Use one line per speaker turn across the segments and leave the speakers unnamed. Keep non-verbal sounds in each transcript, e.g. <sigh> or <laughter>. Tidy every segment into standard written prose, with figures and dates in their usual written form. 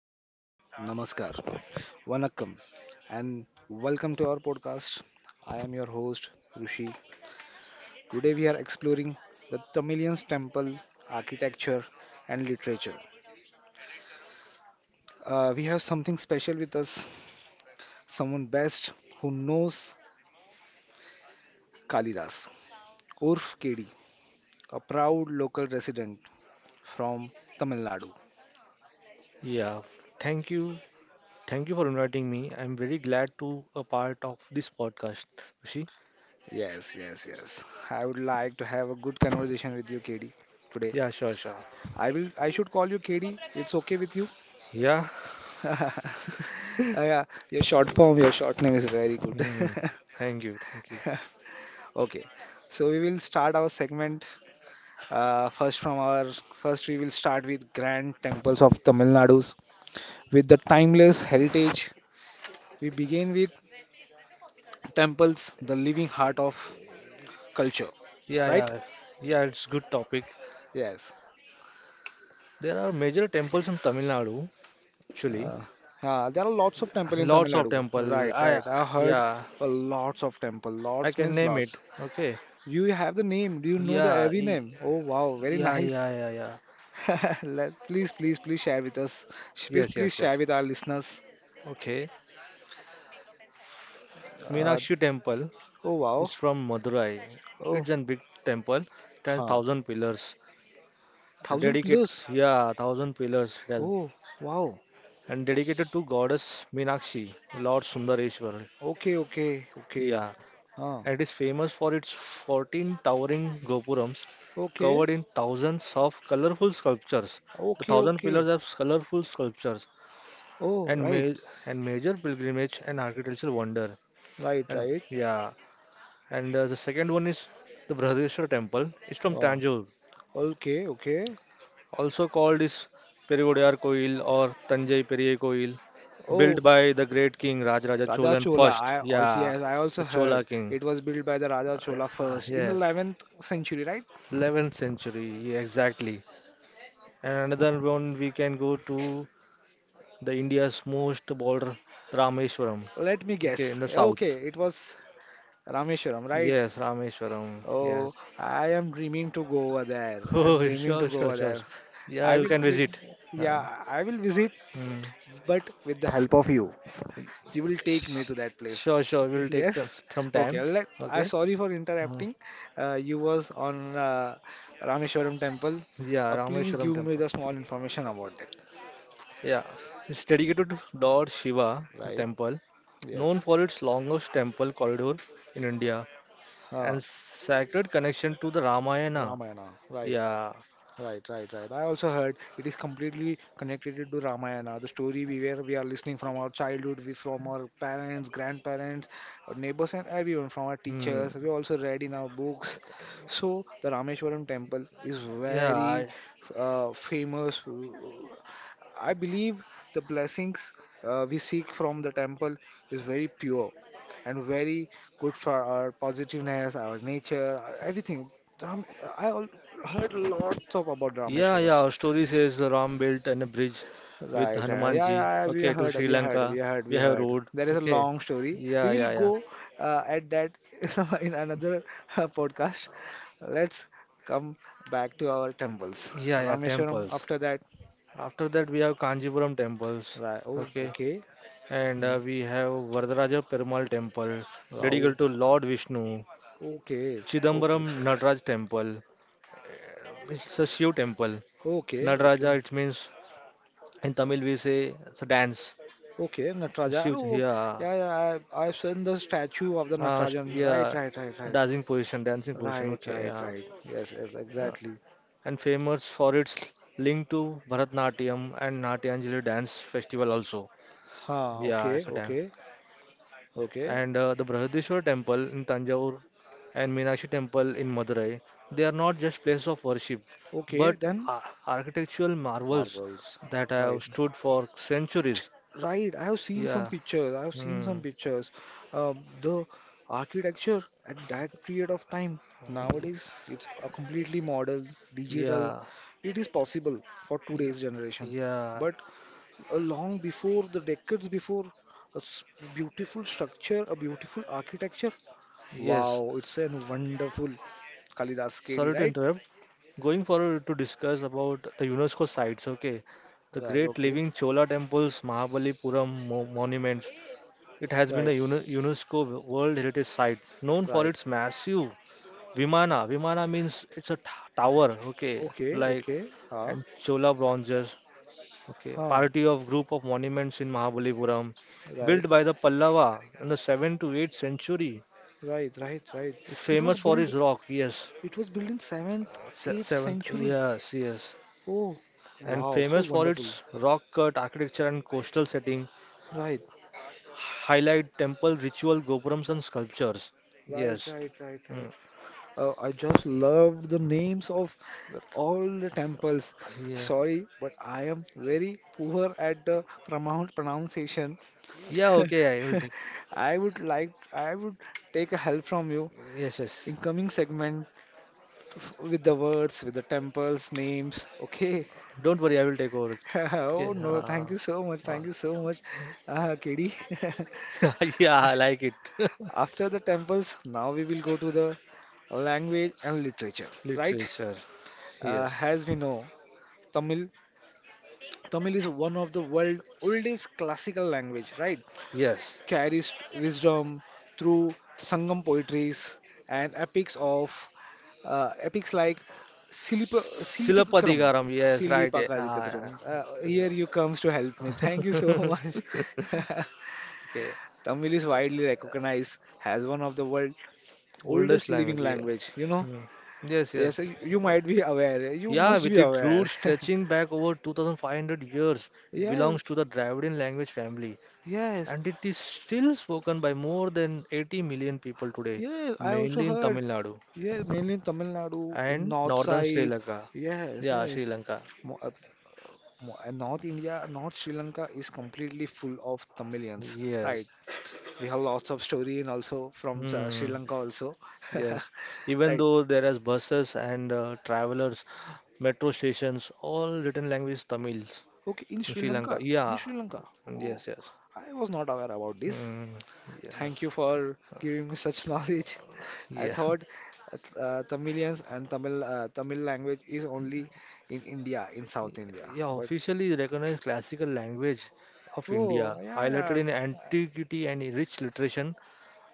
hello, namaskar, vanakkam, and welcome to our podcast. I am your host, Rishi. Today we are exploring the Tamilian's temple, architecture, and literature. We have something special with us, someone best who knows Kalidas, Urf KD, a proud local resident from Tamil Nadu.
Yeah, thank you. Thank you for inviting me. I'm very glad to a part of this podcast. Rishi?
Yes, yes, yes, I would like to have a good conversation with you, KD, today.
Yeah, sure, sure.
I will. I should call you KD. It's okay with you?
Yeah.
<laughs>
<laughs>
Yeah, your short form, your short name is very good.
Hmm.
<laughs>
Thank you, thank you.
Okay, so we will start our segment. First, from our first, we will start with grand temples of Tamil Nadu's with the timeless heritage. We begin with temples, the living heart of culture,
Yeah,
right?
yeah. Yeah, it's good topic.
Yes.
There are major temples in Tamil Nadu, actually.
Uh, yeah, there are lots of temple in Tamil
Lots of
Nadu.
temple.
Right,
I
right. I heard
Yeah,
a lots of temple.
I
Lots
can
means
name
lots.
it. Okay.
You have the name. Do you know the
Yeah,
every name? Oh wow, very
yeah,
nice.
yeah, yeah, yeah.
<laughs> Please, please, please share with us. Please,
Yes,
please
yes,
share
yes.
with our listeners.
Okay.
Uh,
Meenakshi Temple.
oh wow.
It's from Madurai.
Oh,
It's a big temple,
huh.
10,000 pillars,
Thousand
dedicated,
plus.
yeah, 1,000 pillars,
Oh wow.
and dedicated to goddess Meenakshi, Lord Sundareshwar.
Okay, okay, okay.
Yeah,
Huh.
and it is famous for its 14 towering gopurams
Okay,
covered in thousands of colorful sculptures. The
okay,
thousand pillars
okay.
have colorful sculptures
Oh
and
right,
ma and major pilgrimage and architectural wonder.
right,
And,
right.
yeah, and the second one is the Brihadeshwar temple. It's from
Oh,
Tanjore.
okay, okay.
Also called is Periyodiyar Koil or Tanjai Periyai Koil,
Oh,
built by the great king Rajaraja
Raja
Cholan
Chola.
first.
I also
Yeah,
Yes, I also
the Chola
heard
king.
it was built by the Raja Chola first in the
Yes,
11th century, right?
11th century, yeah, exactly. And another one we can go to the India's most border, Rameshwaram.
Let me
Okay,
guess.
in the
Okay,
south.
it was Rameshwaram, right?
Yes, Rameshwaram.
Oh,
Yes. <laughs>
I am dreaming to go over there. I am
Oh,
dreaming to
sure,
go
sure,
over
sure.
there.
Yeah,
I
you
will,
can
vi-
visit. Uh,
yeah, I will visit,
hmm.
but with the help of you. You will take me
Sh-
to that place.
Sure, sure. We'll take
Yes?
some
Okay,
time.
I'm
Okay.
sorry for
Uh,
interrupting. You was on Rameshwaram temple.
yeah,
Please
Rameshwaram
give me
temple.
the small information about it,
Yeah, it's dedicated to Lord Shiva, the
right?
temple, known
Yes.
for its longest temple corridor in India
Huh.
and sacred connection to the Ramayana.
Ramayana, right.
Yeah,
Right, right, right. I also heard it is completely connected to Ramayana, the story we where we are listening from our childhood, we from our parents, grandparents, our neighbors, and everyone from our
hmm.
teachers. We also read in our books. So the Rameshwaram temple is
Yeah,
very famous, I believe the blessings we seek from the temple is very pure and very good for our positiveness, our nature, our everything. Ram- I al- Heard lots of about
yeah,
Rameshwaram.
yeah. Our story says the Ram built a bridge with
Right, right. Yeah,
Hanumanji.
yeah, yeah, we
Okay, to
heard,
Sri
we heard, we
Lanka.
heard, we
We have
heard.
road.
There is a
Okay.
long story. We
Yeah,
will
yeah, yeah.
go at that <laughs> in another podcast. Let's come back to our temples.
Yeah, yeah,
Rameshwaram
temples.
after that.
After that, we have Kanjipuram temples.
Right. Oh,
Okay.
okay.
And
Hmm.
We have Vardaraja Perumal Temple,
Wow.
dedicated to Lord Vishnu.
Okay, okay,
Chidambaram Nataraj Temple. It's a Shiv temple.
okay, okay,
Nataraja, it means in Tamil we say it's a dance.
okay, Nataraja.
Shiv,
Oh,
yeah.
yeah, yeah, I've seen the statue of the Natarajan. Right,
Yeah.
right, right, right,
Dancing position, dancing position.
right,
Okay,
right,
yeah.
right. Yes, yes,
Yeah.
exactly.
And famous for its link to Bharatnatyam and Natyanjali dance festival also.
Ha,
Yeah,
okay,
it's a dance.
okay, okay,
And The Brihadishwar temple in Tanjavur and Meenakshi temple in Madurai, they are not just places of worship,
okay,
but
then
architectural marvels
marbles.
that
Right,
have stood for centuries.
right. I have seen some
Yeah.
pictures. I have seen
Hmm.
some pictures. The architecture at that period of time, nowadays, it's a completely modern, digital.
Yeah.
It is possible for
Y-
today's generation.
Yeah.
But long before the decades before a s- beautiful structure, a beautiful architecture,
Yes.
wow, it's a wonderful Kalidas, KD,
Sorry to
right?
interrupt. Going forward to discuss about the UNESCO sites, okay? The
Right,
great
okay.
living Chola temples, Mahabalipuram monuments. It has been
Right,
the UNESCO World Heritage Site, known for
right.
its massive Vimana. Vimana means it's a tower, okay,
Okay,
like
okay. Huh,
and Chola bronzes, okay,
huh.
party of group of monuments in Mahabalipuram,
Right,
built by the Pallava in the 7th to 8th century,
right, right, right. it was
famous for
built
its rock, yes,
it was built in 7th 8th
7th,
century.
yes, yes,
Oh,
and
wow, so
famous for
wonderful.
its rock cut architecture and coastal setting,
Right,
highlight temple ritual gopurams and sculptures,
right,
yes,
right, right, right.
mm.
I just loved the names of
But-
all the temples.
yeah,
Sorry, but I am very poor at the pronunciation.
yeah, okay, I will
<laughs>
take,
I would take a help from you
yes, yes.
in coming segment with the words, with the temples, names. Okay. <laughs>
Don't worry, I will take over.
Oh
Okay.
no, thank you so much.
Uh,
Thank you so much, KD.
<laughs> yeah, I like it. <laughs>
<laughs> After the temples, now we will go to the language and literature, right?
Literature.
Uh,
Yes.
as we know, Tamil Tamil is one of the world's oldest classical language, right?
Yes.
Carries wisdom through Sangam poetries and epics of epics like Silipikakram.
Silapadikaram. Yes, right.
Silipakarikatram. Here
Yes.
you comes to help me. Thank you so much. <laughs>
Okay.
Tamil is widely recognized as one of the world's
<laughs> Oldest
oldest living
language. Yeah.
language, you know?
Hmm. Yes,
Yes,
yes.
you might be aware. You
Yeah,
must be
with its
aware.
roots
<laughs>
stretching back over 2,500 years, it
Yes,
belongs to the Dravidian language family
yes.
and it is still spoken by more than 80 million people today,
Yes, I also
mainly in
heard.
Tamil Nadu
Yeah, mainly in Tamil Nadu, in
and
north
northern Sri
side.
Lanka.
Yes,
Yeah, Sri
yes.
Lanka.
Mo mo North India, North Sri Lanka is completely full of Tamilians,
Yes.
right? We have lots of story and also from Sri
Hmm.
Lanka also, <laughs>
Yes. Even
right?
though there is buses and travelers, metro stations, all written language Tamils
Okay, in
in
Sri
Sri Lanka.
Lanka, in
Yeah.
Sri Lanka. Oh,
Yes, yes.
I was not aware about this.
Hmm. Yeah.
Thank you for giving me such <laughs> knowledge. I
Yeah.
thought
<laughs>
Tamilians and Tamil language is only in India, in South India,
Yeah,
but
officially recognized classical language of India,
oh, yeah,
highlighted
yeah.
in antiquity and in rich literation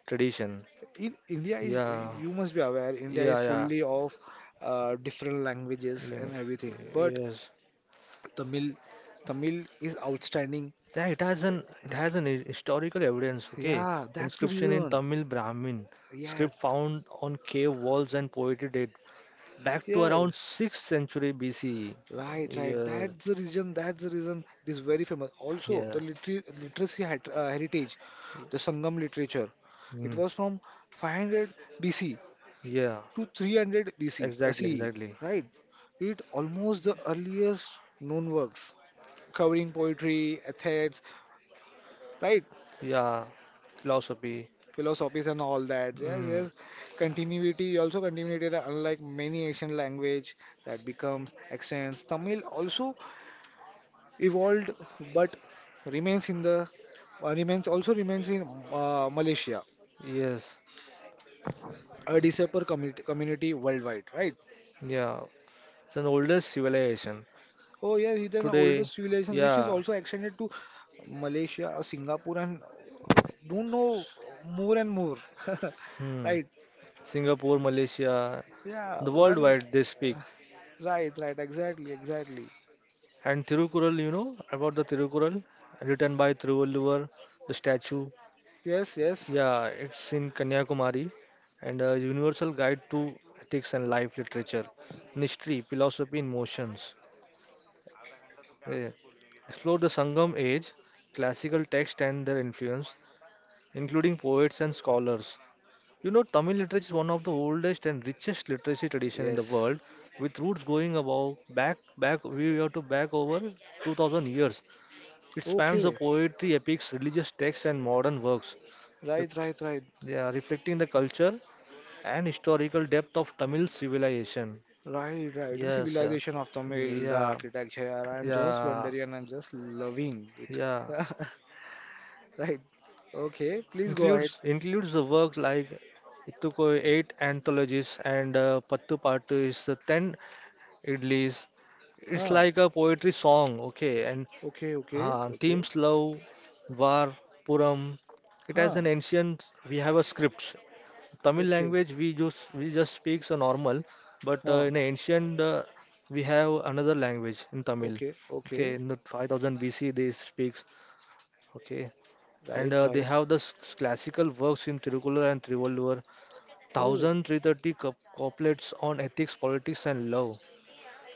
tradition.
In India is,
Yeah.
you must be aware, India is
Yeah, yeah.
fully of different languages and
Lim-
everything. But
Yes.
Tamil, Tamil is outstanding.
Yeah, it has an historical evidence, okay?
Yeah, that's the
Inscription in
reason.
Tamil Brahmin
Yes,
script found on cave walls and poetry date back to
yes.
around 6th century BCE.
Right, right.
Yeah,
That's the reason. That's the reason it is very famous. Also,
yeah,
the literacy hat heritage, the Sangam literature. It
mm,
was from 500 BC
yeah,
to 300 BC,
exactly,
CE,
exactly.
right? It almost the earliest known works, covering poetry, ethics, right?
Yeah, philosophy.
Philosophies and all that. Yes,
Mm,
yes. Continuity unlike many Asian language that becomes extends. Tamil also evolved but remains in the remains in Malaysia,
yes,
a disabled community, community worldwide, right?
yeah. It's an older civilization.
Oh yes, it's an
Today,
oldest civilization which is
yeah,
also extended to Malaysia, Singapore, and don't know more and more, <laughs>
hmm,
right?
Singapore, Malaysia,
Yeah,
the
well,
worldwide they speak.
right, right, exactly, exactly.
And Thirukural, you know about the Thirukural, written by Thiruvalluvar, the statue.
Yes, yes,
Yeah, it's in Kanyakumari, and a universal guide to ethics and life literature, mystery, philosophy in motions. Yeah. Explore the Sangam age, classical text and their influence, including poets and scholars. You know, Tamil literature is one of the oldest and richest literacy tradition in the
yes.
world, with roots going about back we have to back over 2,000 years. It spans the
Okay,
poetry, epics, religious texts, and modern works,
right,
ref-
right, right,
yeah, reflecting the culture and historical depth of Tamil civilization.
right, right. The
Yes, yeah,
civilization of Tamil, the
yeah,
architecture, I'm just
yeah,
wondering and I'm just loving it.
yeah.
<laughs> Right, okay, please go ahead.
Includes the work like Ittuko eight anthologies and Pattu Pattu is ten idlis. It's
Huh,
like a poetry song, okay, and
okay, okay, okay.
themes love, war, puram. It has
Huh,
an ancient. We have a script Tamil
okay,
language we just speak so normal, but
huh,
in ancient we have another language in Tamil.
okay,
Okay,
okay.
in the 5,000 BC they speaks. Okay,
Right,
and they
right.
have the classical works in Tirukkural and Trivolur,
Oh,
Thousand three thirty couplets on ethics, politics, and love.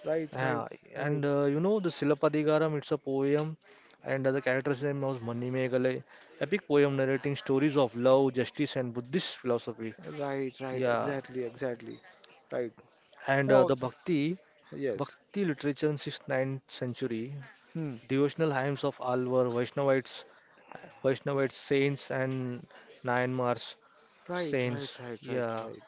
right, right,
Yeah,
right,
and you know the Silappadigaram, it's a poem, and the character's name was Manimegalai, epic poem narrating stories of love, justice, and Buddhist philosophy.
right, right,
Yeah.
exactly, exactly. Right.
And
And all,
the Bhakti,
yes.
Bhakti literature in 6th, 9th century,
Hmm.
devotional hymns of Alvar, Vaishnavite saints and Nayanmars
Right, right,
saints,
right, right,
yeah,
right.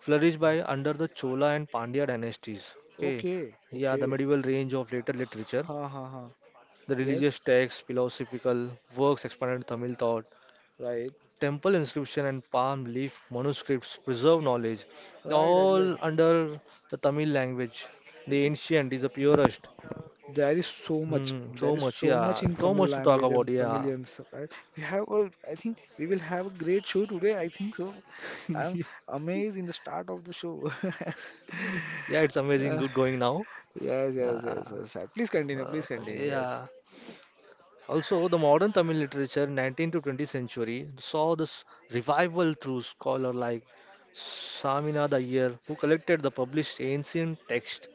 flourished by under the Chola and Pandya dynasties. Okay,
Okay,
yeah, the
okay.
medieval range of later literature,
Ha ha ha.
the
Yes,
religious texts, philosophical works expanded Tamil thought,
right,
temple inscription and palm leaf manuscripts preserve knowledge,
right, exactly.
all under the Tamil language. The ancient is the
Th-
purest.
There is so much.
Hmm,
There
so
is
much,
so much
yeah.
in
So
Tamil
much to talk
language
about,
and
yeah.
Tamilians, right? We have all, I think we will have a great show today. I think so. I'm
<laughs>
amazed in the start of the show. <laughs>
Yeah, it's amazing.
Uh,
Good going now.
yes, yes, yes,
Uh,
yes, right. Please continue, please continue. Yes.
yeah. Also, the modern Tamil literature, 19th to 20th century, saw this revival through scholar like Saminada Iyer, who collected the published ancient text.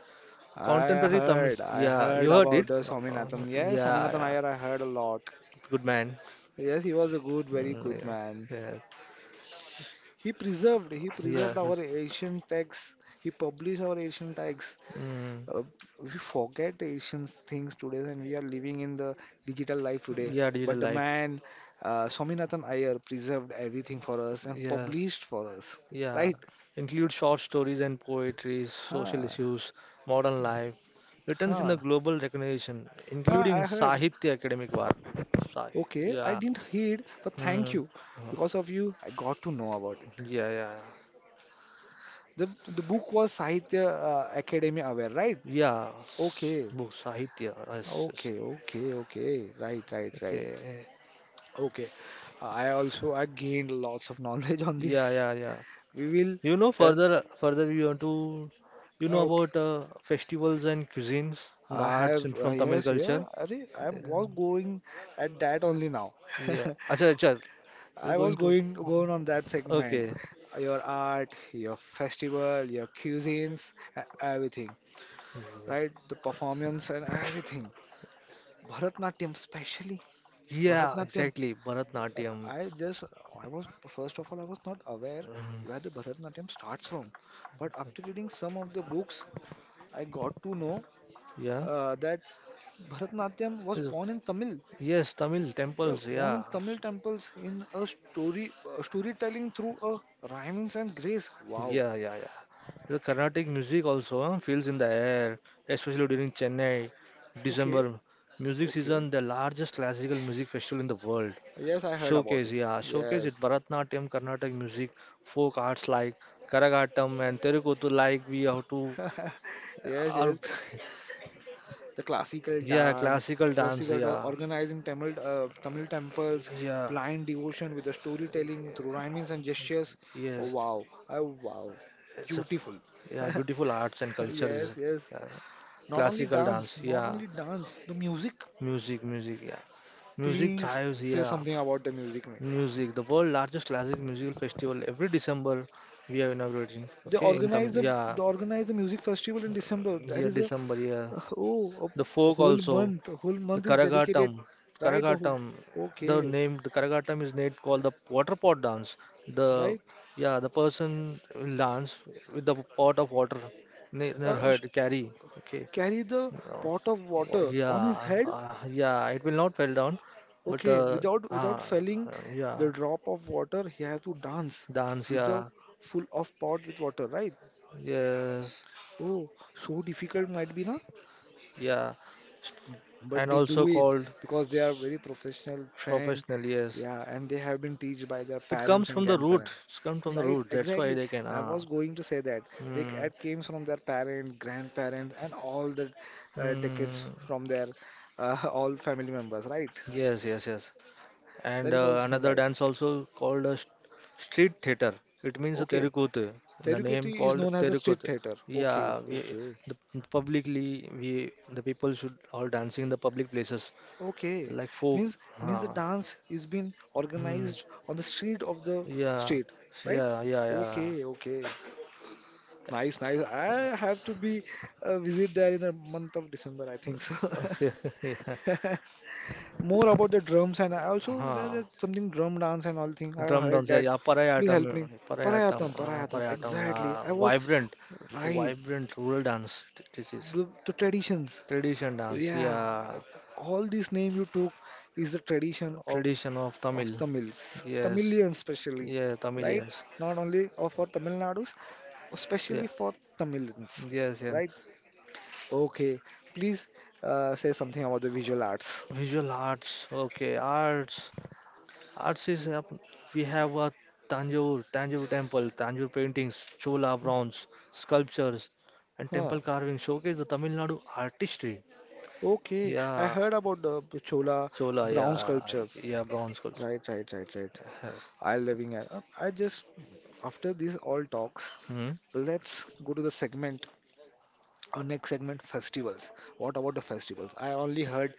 Contemporary Tamil.
I
Yeah,
heard
you heard
about
it.
the
Uh,
Swaminathan. Yes,
yeah,
Swaminathan
yeah.
Iyer, I heard a lot.
Good man.
Yes, he was a good, very
Mm,
good
yeah.
man.
Yes.
He
Yeah.
preserved our
Yes.
ancient texts. He published our ancient texts.
Mm,
Uh, we forget the ancient things today, and we are living in the digital life today.
yeah. Digital
But the
life.
man, Swaminathan Iyer, preserved everything for us and
Yes.
published for us,
Yeah.
right?
Include short stories and poetry, social
Huh,
issues, modern life. Returns in
huh.
the global recognition,
Huh,
including
I heard.
Sahitya Academic War. Sa-
Okay, I
Yeah.
didn't hear, but thank
Mm,
you. Because of you, I got to know about it.
yeah. Yeah.
The the book was Sahitya Academy aware, right?
Yeah.
Okay.
Book Sahitya. Yes, yes.
Okay, okay, okay. Right, right, right.
Okay.
Okay. I gained lots of <laughs> knowledge on
Yeah.
this.
Yeah. Yeah.
We will
You know,
turn.
further we want to, you know
Okay.
about festivals and cuisines, the
I
arts
have
and from Tamil
yes, yeah.
culture.
Arey, I
Uh,
was going at that only now.
yeah. Acha, acha.
<laughs>
You're
I was
going to.
going going on that segment.
Okay.
Your art, your festival, your cuisines, everything, right? The performance and everything. Bharatnatyam, specially
Yeah,
Bharatnatyam.
exactly. Bharatnatyam.
I just, I was, first of all, I was not aware
Mm,
where the Bharatanatyam starts from. But after reading some of the books, I got to know
yeah.
that Bharatanatyam was
Is- Yes, Tamil temples.
born
Yeah.
in Tamil temples in a story, storytelling through a rhymings and grace. Wow.
Yeah, yeah, yeah. The Carnatic music also feels in the air, especially during Chennai,
Okay.
December music
Okay.
season, the largest classical music festival in the world.
Yes, I heard about
Showcase,
it.
yeah, showcase
Yes.
it Bharatnatyam, Carnatic music, folk arts like Karagatam and Terukuttu like we have to,
Yes,
our,
yes, the classical
<laughs> yeah,
dance,
classical dance,
Rasivada
yeah,
organizing Tamil, Tamil temples,
yeah,
blind devotion with the storytelling through rhymings and gestures. Oh,
yes,
wow, oh, wow,
it's a,
beautiful.
yeah,
<laughs>
beautiful arts and cultures,
Yes, yes.
yeah,
Not only
classical
dance,
dance,
not
yeah,
only dance, the music.
music, yeah, music
Please
thrives,
say
yeah,
something about the music, man.
music, the world largest classic musical festival every December we are inaugurating, okay, in Tamil, yeah,
They organize the music festival in December. There
yeah,
is a
December, yeah,
oh
the
a
folk
whole
also.
month. A whole
The
month is dedicated,
Karagatam,
right? The whole,
Karagatam,
okay,
the name the Karagatam is made called the water pot dance. The
right?
yeah, the person will dance with the pot of water in her
Uh,
head, carry. Okay,
carry the
no.
pot of
Oh,
water on his
yeah,
head.
yeah, it will not fall down, but
Okay, without without
uh,
felling
yeah,
the drop of water, he has to dance
dance,
with the
yeah,
full of pot with water, right?
yes,
Oh, so difficult might be, na?
yeah,
But
and
they
also
do it
called
because they are very professional, trained,
professional, yes.
yeah, and they have been taught by their
It
parents
comes
and
from the root.
grandparents.
It's come from the
Right,
root. That's why
exactly.
they can.
I
Ah,
was going to say that they
hmm.
it came from their parents, grandparents, and all the decades
Mm,
from their <laughs> all family members, right?
yes, yes, yes. And
That is also <laughs>
Another
right.
dance also called a street theater. It means a
Okay.
terukuthu. The name
Teruketi is
called
known as a street
terukuthu.
theater. Okay,
Yeah, we
okay.
the publicly we the people should all dancing in the public places
Okay.
like folk.
Means Means the
Huh.
dance is being
Mm,
organized on the street of the
yeah,
state, right?
yeah, yeah, yeah.
Okay, okay. Nice, nice. I have to be visit there in the month of December, I think so.
Okay, <laughs> yeah.
<laughs> More about the drums and I also
Huh.
there's something drum dance and all thing. I
Drum
heard
dance, yeah,
that.
yeah,
Please help me. Parayatam, Parayatam.
parayatam,
Exactly.
yeah,
I was
vibrant, the
right.
vibrant rural dance. This is.
The traditions.
Tradition dance,
Yeah,
yeah.
all these name you took is the tradition
Tradition of
of
Tamil,
Tamils,
yes.
Tamilians especially,
Yeah, Tamil,
right?
yes.
Not only of for Tamil Nadus,
Yeah,
especially for Tamilians,
yes, and
right? Okay, please say something about the visual arts.
visual arts, okay. Arts is, up we have a Tanjore temple, Tanjore paintings, Chola bronze, sculptures, and
Huh.
temple carving showcase the Tamil Nadu artistry.
Okay, I
Yeah,
heard about the Chola
Chola,
brown
yeah,
sculptures.
yeah, bronze sculpture.
Right, right, right, right.
Yes.
I'll living at. I just, after these all talks,
Hmm.
let's go to the segment. Our next segment, festivals. What about the festivals? I only heard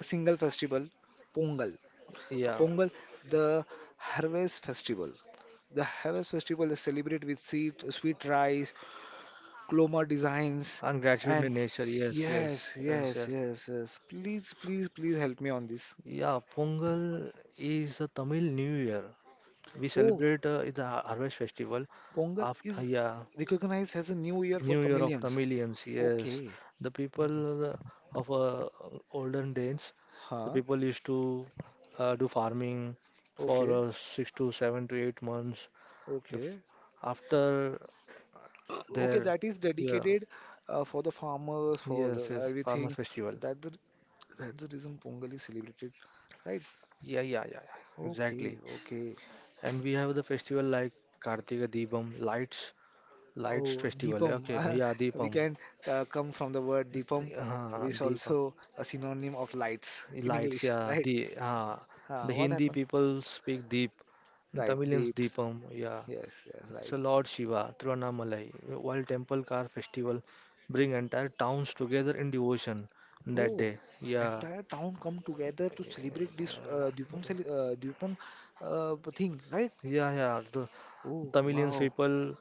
a single festival, Pongal.
Yeah,
Pongal, the harvest festival. The harvest festival is celebrated with sweet, sweet rice, cloma designs,
and gratitude
and
in nature. Yes, yes,
yes,
yes,
yes,
yes.
yes, yes. Please, please, please help me on this.
Yeah, Pongal is a Tamil New Year. We
Oh,
celebrate the harvest festival
Pongal
after,
is
yeah,
recognized as a new year for
New Year of
Tamilians.
Tamilians. Yes,
Okay.
the people of olden days, the
Huh?
people used to do farming for
Okay.
6 to 7 to 8 months. The f
Okay.
after
Okay,
their,
that is
yeah,
dedicated for the farmers, for the
yes, yes, farmers
everything.
festival.
That's the that's the reason Pongal is celebrated, right?
Yeah, yeah yeah yeah,
Okay,
exactly.
okay.
And we have the festival like Kartika Deepam lights. Lights
Oh,
festival.
Deepam.
Okay. Yeah,
<laughs> We
Deepam.
can come from the word Deepam, which is
Deepam.
also a synonym of lights in
Lights.
English,
Yeah.
right?
The uh,
Huh,
the
what
Hindi
happened?
people speak Deep. In
Right,
Tamilians
deeps.
Deepam. Yeah.
Yes, yes,
It's
right.
a Lord Shiva, Tiruvannamalai. While temple car festival bring entire towns together in devotion that
Oh,
day. Yeah.
entire town come together to celebrate this Deepam, Deepam thing, right?
Yeah, yeah. The
Oh,
Tamilians
wow.
people,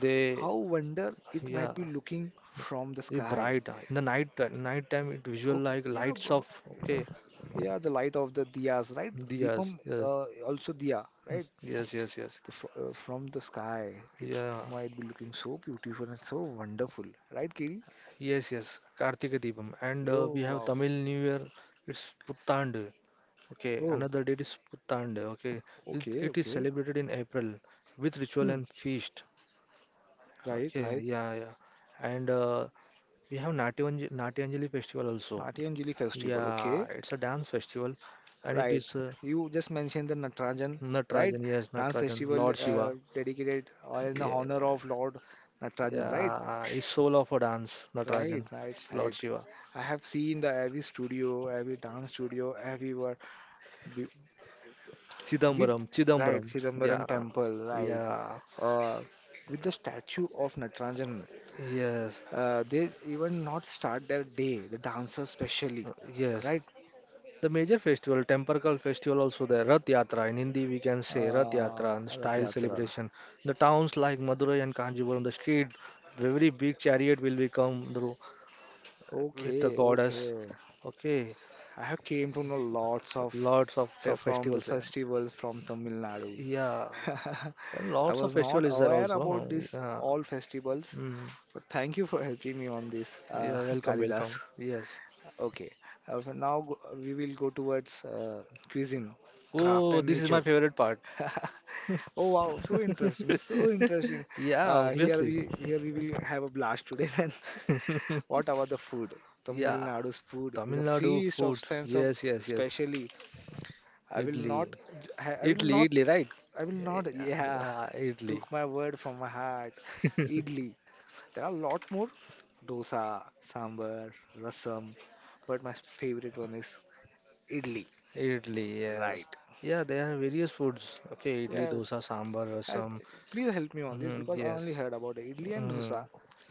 they
How wonder it
yeah
might be looking from the
they
sky.
bright in the night night time it visual
Okay,
like
yeah,
lights of okay
yeah, the light of the diyas, right?
diyas,
Deepam,
yes,
also diya, right?
yes, yes, yes.
The, fr from the sky, it
Yeah,
might be looking so beautiful and so wonderful, right, Kiri?
yes, yes, Kartika Deepam. And We
Oh,
have
wow.
Tamil New Year, it's Puttaandu. Okay,
Oh,
another date is Puttaandu. Okay, it,
okay,
it is
okay.
celebrated in April with ritual
Hmm.
and feast.
Right,
Okay,
right.
yeah, yeah. And We have Natyanjali, festival also.
Natyanjali festival, okay.
Yeah, it's a dance festival and it
Right.
is
You just mentioned the Natranjan, right?
Natarajan, yes,
Dance
Natarajan,
festival
Lord Shiva.
dedicated in
Yeah,
honor of Lord Natarajan, right?
yeah, is soul of a dance,
Right,
Natarajan,
right,
Lord
right.
Shiva.
I have seen the every studio, every dance studio, everywhere wi- with
Chidambaram,
right
Chidambaram.
Chidambaram
Yeah,
temple, right,
yeah,
uh, with the statue of Natarajan.
yes,
They even not start their day, the dancers specially,
yes.
right?
The major festival, Tempercal festival, also there. Rath Yatra in Hindi we can say Rath Yatra and
Rath
style
Yatra.
celebration. The towns like Madurai and Kanjipuram, the street, very big chariot will be come through with the
Okay,
goddess.
okay.
Okay,
I have came to know lots of,
lots of te-
so from the
festivals there.
festivals from Tamil Nadu.
Yeah,
<laughs>
and
I
lots of
was
festival
not
is there
aware about
also.
this
Yeah,
all festivals,
mm.
but thank you for helping me on this,
Yeah,
<laughs>
welcome, welcome.
Kalidas.
Yes.
Okay, for now we will go towards cuisine, craft,
Oh,
and
this is my
nature.
favorite part.
<laughs> Oh wow, so interesting, so
<laughs>
interesting.
Yeah,
Uh, here
obviously.
we here we will have a blast today. <laughs> Then what about the food? Tamil
Yeah.
Nadu's food is
Tamil
a
Nadu
feast of
food.
sense of
Yes, yes, yes.
especially. I will
Idli.
not, I will
Idli,
not,
idli, right?
I will not.
Yeah,
Yeah,
yeah, idli.
took my word from my heart. Idli. There are a lot more dosa, sambar, rasam, but my favorite one is idli.
Idli, yes.
Right.
Yeah, there are various foods. Okay, idli,
Yes.
dosa, sambar,
Help,
rasam.
please help me on this
Mm,
because I
yes.
only heard about idli and
Mm,
dosa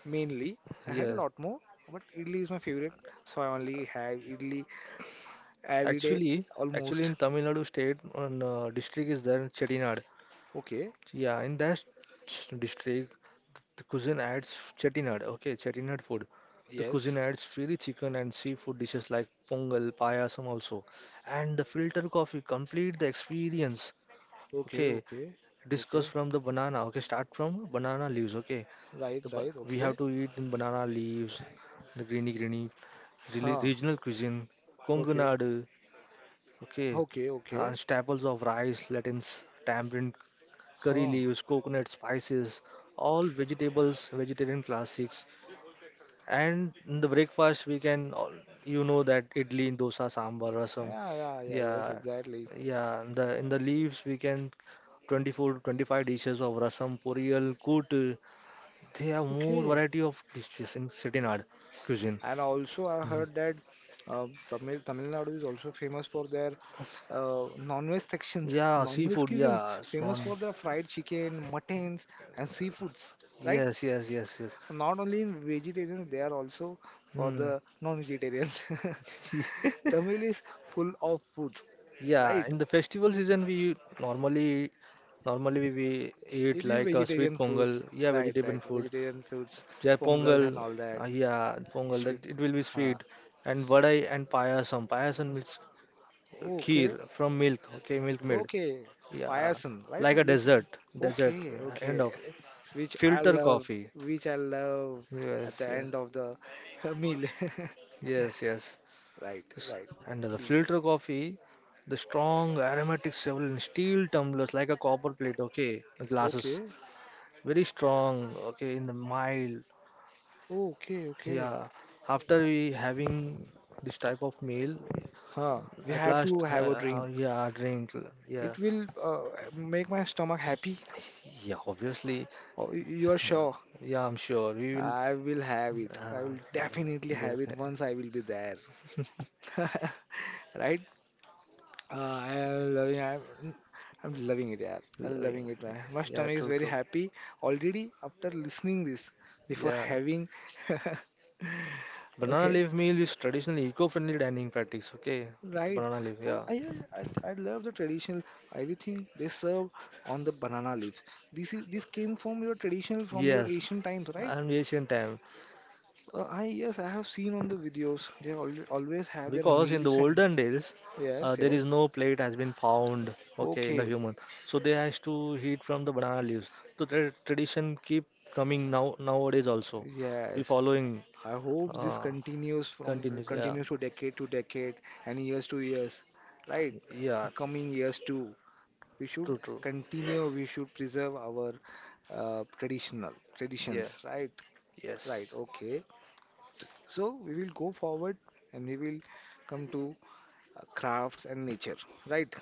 mainly. I heard a
yes.
lot more, but idli is my favorite, so I only have idli every day
Actually, actually,
almost.
in Tamil Nadu state, one district is there, Chettinad.
Okay.
Yeah, in that s- district, the cuisine adds chettinad, okay, chettinad food. The cuisine
Yes.
adds fiery chicken and seafood dishes like pongal, payasam also. And the filter coffee complete the experience.
Okay,
Okay,
okay,
discuss
okay.
from the banana. Okay, start from banana leaves. Okay,
Right,
the, ba-
right,
we
okay.
have to eat in banana leaves, the greeny greeny, reli-
Huh.
regional cuisine, Kongu
Okay,
Nadu. Okay,
okay,
and
okay.
staples of rice, lentils, tamarind, curry
Huh.
leaves, coconut spices, all vegetables, vegetarian classics. And in the breakfast, we can, all- you know, that idli, dosa, sambar, rasam.
Yeah, yeah, yeah, yes,
Yeah,
exactly.
yeah. In the leaves, we can 24 to 25 dishes of rasam, poriyal, kut. They have more
Okay.
variety of dishes in Chettinad cuisine.
And also, I
Mm.
heard that Tamil Nadu is also famous for their non-veg sections,
Yeah,
non-veg
seafood.
cuisines,
Yeah, non.
famous for their fried chicken, muttons, and seafoods, right?
Yes, yes, yes, yes.
Not only in vegetarians, they are also for
Hmm.
the non-vegetarians.
<laughs>
<laughs> Tamil is full of foods,
Yeah,
right?
in the festival season we normally normally we eat
It is
like a sweet
vegetarian foods,
pongal, yeah,
right,
vegetable
right.
food.
Vegetarian foods,
Yeah,
pongals and
pongal,
all that.
yeah, pongal
Sweet.
that it will be
Huh.
sweet and vadai and payasam. Payasam means
Okay,
kheer from milk, okay, milk made.
okay,
Yeah,
Payasan, right?
like a
You said that.
dessert, dessert
Okay,
end
okay.
of
Which I
filter
love,
coffee.
which I love at
Yes,
the
yes,
end of the <laughs> meal. <laughs>
yes, yes.
Right,
S-
right.
And the
Please.
filter coffee, the strong aromatic several in steel tumblers like a copper plate, okay, the glasses
Okay,
very strong, okay, in the mild.
okay, okay.
Yeah, after we having this type of meal
Huh. We
at
have
last,
to have a drink.
yeah, drink, yeah.
It will make my stomach happy.
Yeah, obviously.
Oh, you are
uh,
sure?
yeah, I'm sure we will.
I will have it. I
uh,
will definitely have it
definitely.
once I will be there. <laughs> Right? I am loving. I'm loving it, yeah. I'm
Loving.
loving it, man. My
Yeah,
stomach is
true,
very
true.
happy already after listening this. Before
Yeah,
having, <laughs>
banana
okay,
leaf meal is traditional eco-friendly dining practice, okay,
right.
banana leaf.
I,
Yeah,
I, I love the traditional everything they serve on the banana leaf. This came from your traditional from your
yes,
Asian times, right?
I'm Asian time.
I yes, I have seen on the videos. They al always have their
Because in the
meals and
olden days,
yes,
there is
yes.
no plate has been found, okay, in the
Okay,
human. So they has to heat from the banana leaves. So the tradition keep coming now nowadays also. We
yes.
following.
I hope this
uh, continues. Yeah,
continues to decade and years to years, right?
yeah,
Coming years too. We should
true, true.
continue. We should preserve our traditional
Yeah,
traditions, right? Right.
yes,
Okay. So we will go forward and we will come to crafts and nature, right?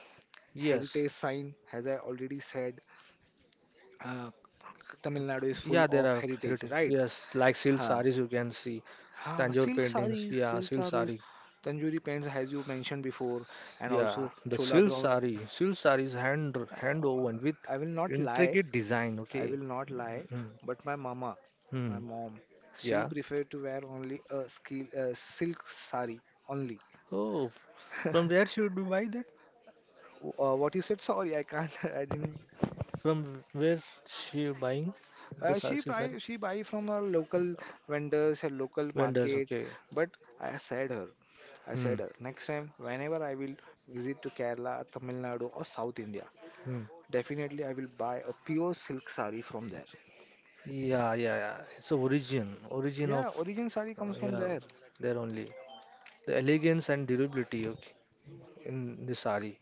yes.
Heritage sign, as I already said, uh, Tamil
Th-
Nadu is full
Yeah, there
of
are
heritage,
heritage.
right?
Yes, like silk
Huh.
sarees you can see,
Ha,
Tanjore paintings. Yeah,
silk
silk
sarees,
saree.
Tanjori pants, as you mentioned before, and
Yeah,
also
the
chola
silk
brown.
sari. Silk sari is hand woven with
I will not lie,
intricate design.
I will
Okay.
not lie,
Mm,
but my mama, my
mm,
mom, she'll
yeah.
prefer to wear only a skill, silk saree only.
Oh, from where she would buy that?
What you said, sorry, I can't, <laughs> I didn't.
From where she buying the sari,
She
silk sari?
buy, she buy from her local vendors, her local
Vendors.
market,
Okay.
but I said her. I
Hmm.
said, her. Next time, whenever I will visit to Kerala, Tamil Nadu, or South India,
Hmm.
definitely, I will buy a pure silk sari from there.
Yeah, yeah, yeah. It's a origin, origin of
Yeah, origin sari comes from
yeah,
there.
there only the elegance and durability. Okay, in the sari,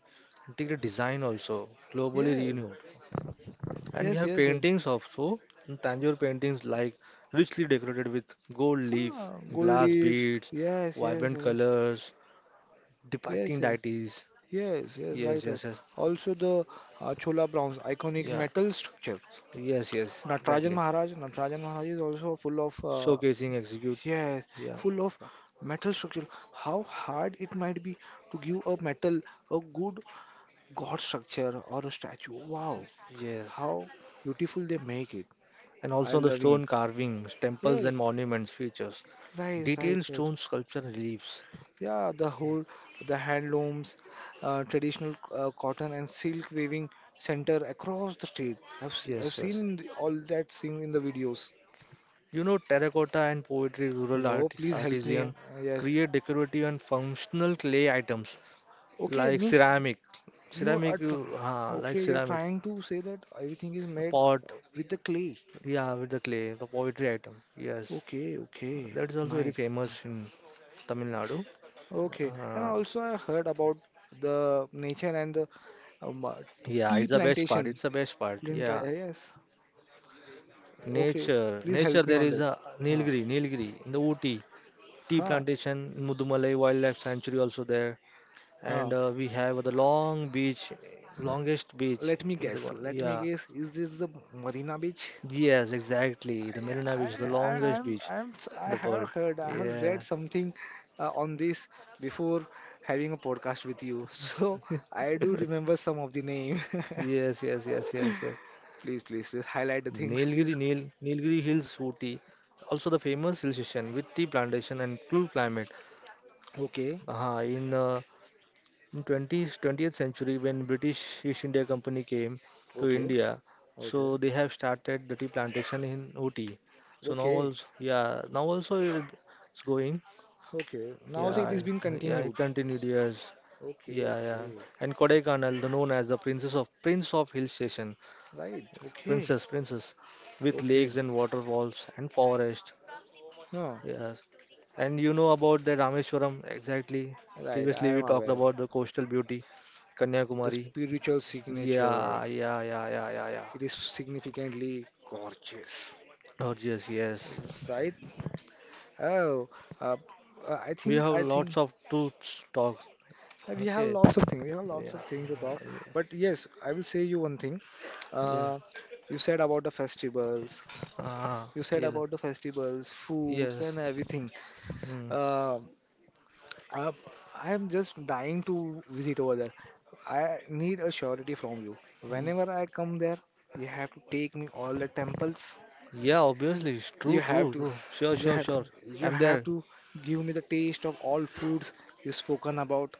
intricate design also globally
Yeah,
renowned. And we
yes,
have
yes, yes.
paintings also, Tanjore paintings like richly decorated with gold leaf,
Huh, gold
glass
leaves.
beads,
Yes, yes,
vibrant
yes,
colors, depicting
yes, yes,
deities.
yes, yes, right,
Yes,
right.
yes, yes.
Also, the Chola bronze, iconic
Yeah,
metal structure.
yes, yes,
Natarajan
exactly.
Maharaj, Natarajan Maharaj is also full of,
Showcasing execute.
yes,
Yeah,
full of metal structure. How hard it might be to give a metal a good god structure or a statue. Wow,
yes.
how beautiful they make it.
And
I
also the
loving it.
stone carvings, temples and
Yes,
monuments features,
right, right,
detailed
right.
stone sculpture reliefs.
Yeah, the whole the handlooms, traditional cotton and silk weaving center across the state. I've
Yes,
seen
yes.
in the, all that thing in the videos.
You know, terracotta and poetry, rural
No,
art,
please help me.
artisan
Yes.
create decorative and functional clay items
Okay,
like
means
ceramic,
you are
ceramic,
tr
you, like
okay. You're
ceramic
trying to say that everything is made
pot,
with the clay.
yeah, with the clay, the poetry item. Yes,
Okay, okay,
that is also very
nice.
famous in Tamil Nadu.
Okay, and
Uh,
also I heard about the nature and the um, uh,
yeah,
tea
it's the best part.
plantation.
It's the best part.
Flint,
Yeah,
yes. Okay,
nature,
please
nature.
help me
There
on
is
that.
a
Huh,
Nilgiri, Nilgiri in the Ooty tea
huh,
plantation, in Mudumalai Wildlife Sanctuary also there.
huh.
And we have the long beach, longest beach
Let me
in the
guess.
world.
Let me
Yeah,
guess. Is this the Marina Beach?
yes, exactly. The Marina
I,
Beach, the longest beach in
I am I am I
the world.
have heard, I have
Yeah,
read something on this before having a podcast with you. <laughs> So I do remember some of the name. <laughs>
yes, yes, yes, yes, yes.
Please, please, please highlight the things,
Nilgiri,
please.
Nil, Nilgiri Hills, Ooty, also the famous hill station with tea plantation and cool climate.
Okay,
In in 20th, 20th century when British East India Company came to
okay,
India,
okay,
so they have started the tea plantation in Ooty. So now
okay,
also, yeah, now also it- it's going.
okay. Now it
Yeah,
is being
yeah, it
continued.
continued years.
Okay,
Yeah, yeah.
okay.
And Kodaikanal, the known as the Princess of Prince of Hill Station,
Right, okay,
Princess, Princess, with
okay.
lakes and waterfalls and forest.
Oh
Yes. And you know about the Rameswaram exactly.
right, I
Previously we
am
talked
aware.
about the coastal beauty,
The
Kanyakumari.
spiritual signature,
Yeah, yeah, yeah, yeah, yeah, yeah.
it is significantly gorgeous.
Oh, yes, yes.
Right? Oh, uh, I
We
think,
have
I
lots
think
of to talk.
uh, we have
Okay.
lots of things. We have lots
Yeah.
of things to talk. But yes, I will say you one thing.
Yeah.
Uh, you said about the festivals.
Ah,
You said
yeah.
about the festivals, foods, and
Yes.
everything.
Hmm.
Uh, Uh, I am just dying to visit over there. I need a surety from you.
Y-
Whenever I come there, you have to take me all the temples.
Yeah, obviously. It's
You
true,
have
true,
to,
true. Sure,
you
sure,
have,
sure.
you
I'm
have
there.
to give me the taste of all foods you spoken about.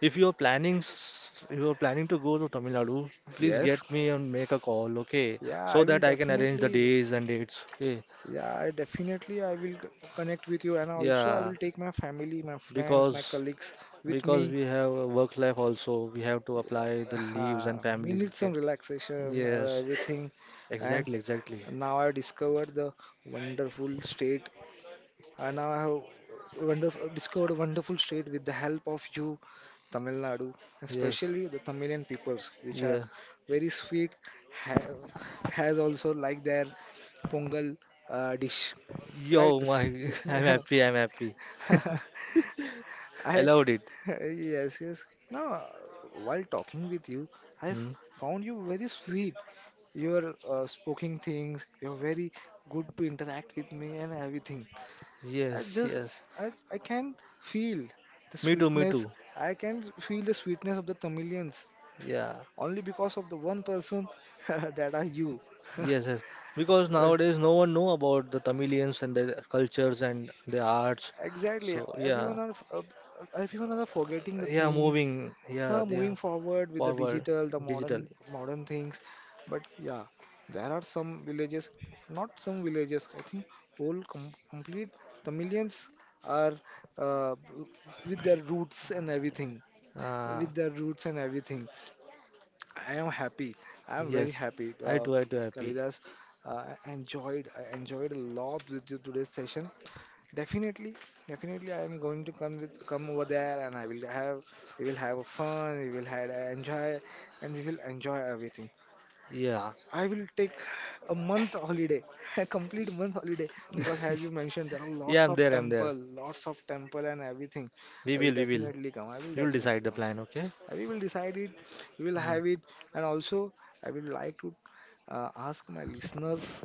If you're planning, s- if you're planning to go to Tamil Nadu, please
Yes,
get me and make a call, okay?
yeah, I
So
will
that I can arrange the
definitely,
days and dates. Okay.
yeah, I definitely, I will connect with you, and also I
Yeah.
will take my family, my friends, my
Because
colleagues with
because
me.
we have a work life also. We have to apply the leaves and
We
families.
need
Okay.
some relaxation,
Yes.
everything, and
Exactly, exactly.
Now I discovered the wonderful state, and now I have wonderful discovered a wonderful state with the help of you, Tamil Nadu,
Yes.
especially the Tamilian peoples, which are
Yeah.
very sweet, ha- has also like their pongal dish, right?
Yo,
This-
my. <laughs> I'm
<laughs>
happy, I'm happy. <laughs> I
I
loved it.
<laughs> yes yes. Now, while talking with you, I've
Hmm.
found you very sweet. Your speaking things, you're very good to interact with me and everything. I
Yes,
just,
yes.
I can feel the
Me too, me
sweetness.
too.
I can feel the sweetness of the Tamilians
Yeah.
only because of the one person <laughs> that are you. <laughs>
Yes, yes. Because
Well,
nowadays no one know about the Tamilians and their cultures and their arts.
exactly.
So yeah.
Everyone are everyone are forgetting the
Yeah.
things.
Moving. Yeah. They
Moving
are
forward with the
forward
digital, the modern
digitally.
modern things. But yeah, there are some villages, not some villages. I think whole complete the millions are uh, with their roots and everything.
Uh,
With their roots and everything. I am happy. I am very
Yes,
happy.
I too happy.
Kalidas, I enjoyed. I enjoyed a lot with you today's session. Definitely, definitely, I am going to come over there, and I will have we will have a fun, we will have a enjoy, and we will enjoy everything.
Yeah.
I will take a month holiday, <laughs> a complete month holiday, because as you
<laughs>
mentioned, there are
Yeah, I'm there, I'm there.
lots of temple and everything.
We
I will
will, we will.
definitely come. I will
You'll decide
definitely
the
come.
plan, okay?
We will decide it, we will
Mm.
have it, and also I would like to ask my listeners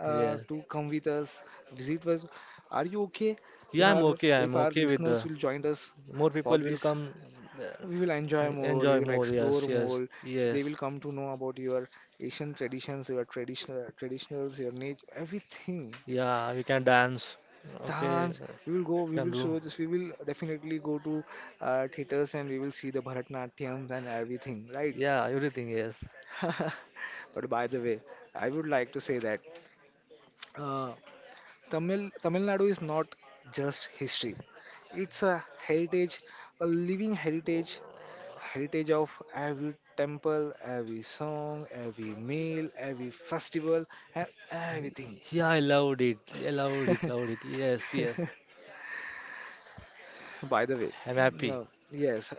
Yeah.
to come with us, visit us. Are you okay? If
Yeah,
our
I'm
if our
okay with
listeners
the
will join us
more
for
people will
this,
come. uh,
we will
I
enjoy more, we
enjoy
will
more,
explore
yes, yes,
more. They
yes.
will come to know about your Asian traditions, your traditional traditionals, your nature, everything.
Yeah, we can dance. Okay,
Dance. We will go. We
can
will
do.
show this. We will definitely go to theaters and we will see the Bharatanatyam and everything. Right?
Yeah, everything, yes.
<laughs> But by the way, I would like to say that uh, Tamil Nadu is not just history. It's a heritage, a living heritage, heritage of every temple, every song, every meal, every festival, and everything.
Yeah, I loved it. I loved it, loved it. Yes, yes.
By the way,
I'm happy.
yeah, yes,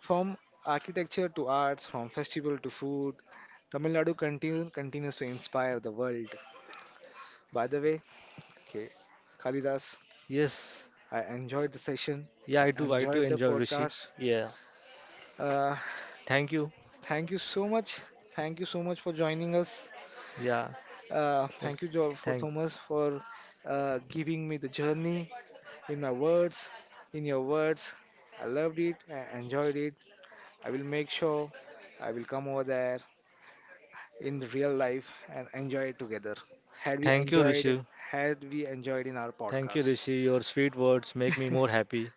from architecture to arts, from festival to food, Tamil Nadu continues to inspire the world. By the way, okay, Kalidas.
Yes.
I enjoyed the session.
Yeah,
I
I too
enjoyed the
enjoy Rishi.
podcast.
Yeah.
Uh,
Thank you.
thank you so much. Thank you so much for joining us.
Yeah. Well,
Thank you, Joel, for
thank.
Thomas, for giving me the journey in my words, in your words. I loved it. I enjoyed it. I will make sure I will come over there in the real life and enjoy it together.
Thank you, Rishi.
Had we enjoyed in our
Thank you,
podcast.
Rishi. Your sweet words make me more happy,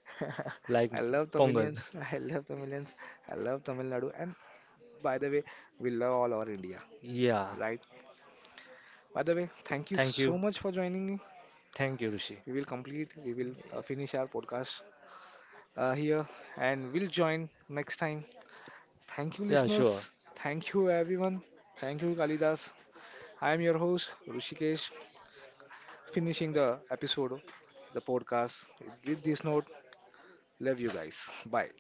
like
<laughs> I love
Pongal.
Tamilians.
<laughs>
<laughs> I love Tamilians. I love Tamil Nadu, and by the way, we love all our India,
Yeah.
right? By the way, thank you
Thank
so
you.
much for joining me.
Thank you, Rishi.
We will finish our podcast here and we'll join next time. Thank you,
Yeah, sure.
listeners. Thank you, everyone. Thank you, Kalidas. I am your host, Rushikesh, finishing the episode, the podcast with this note. Love you guys. Bye.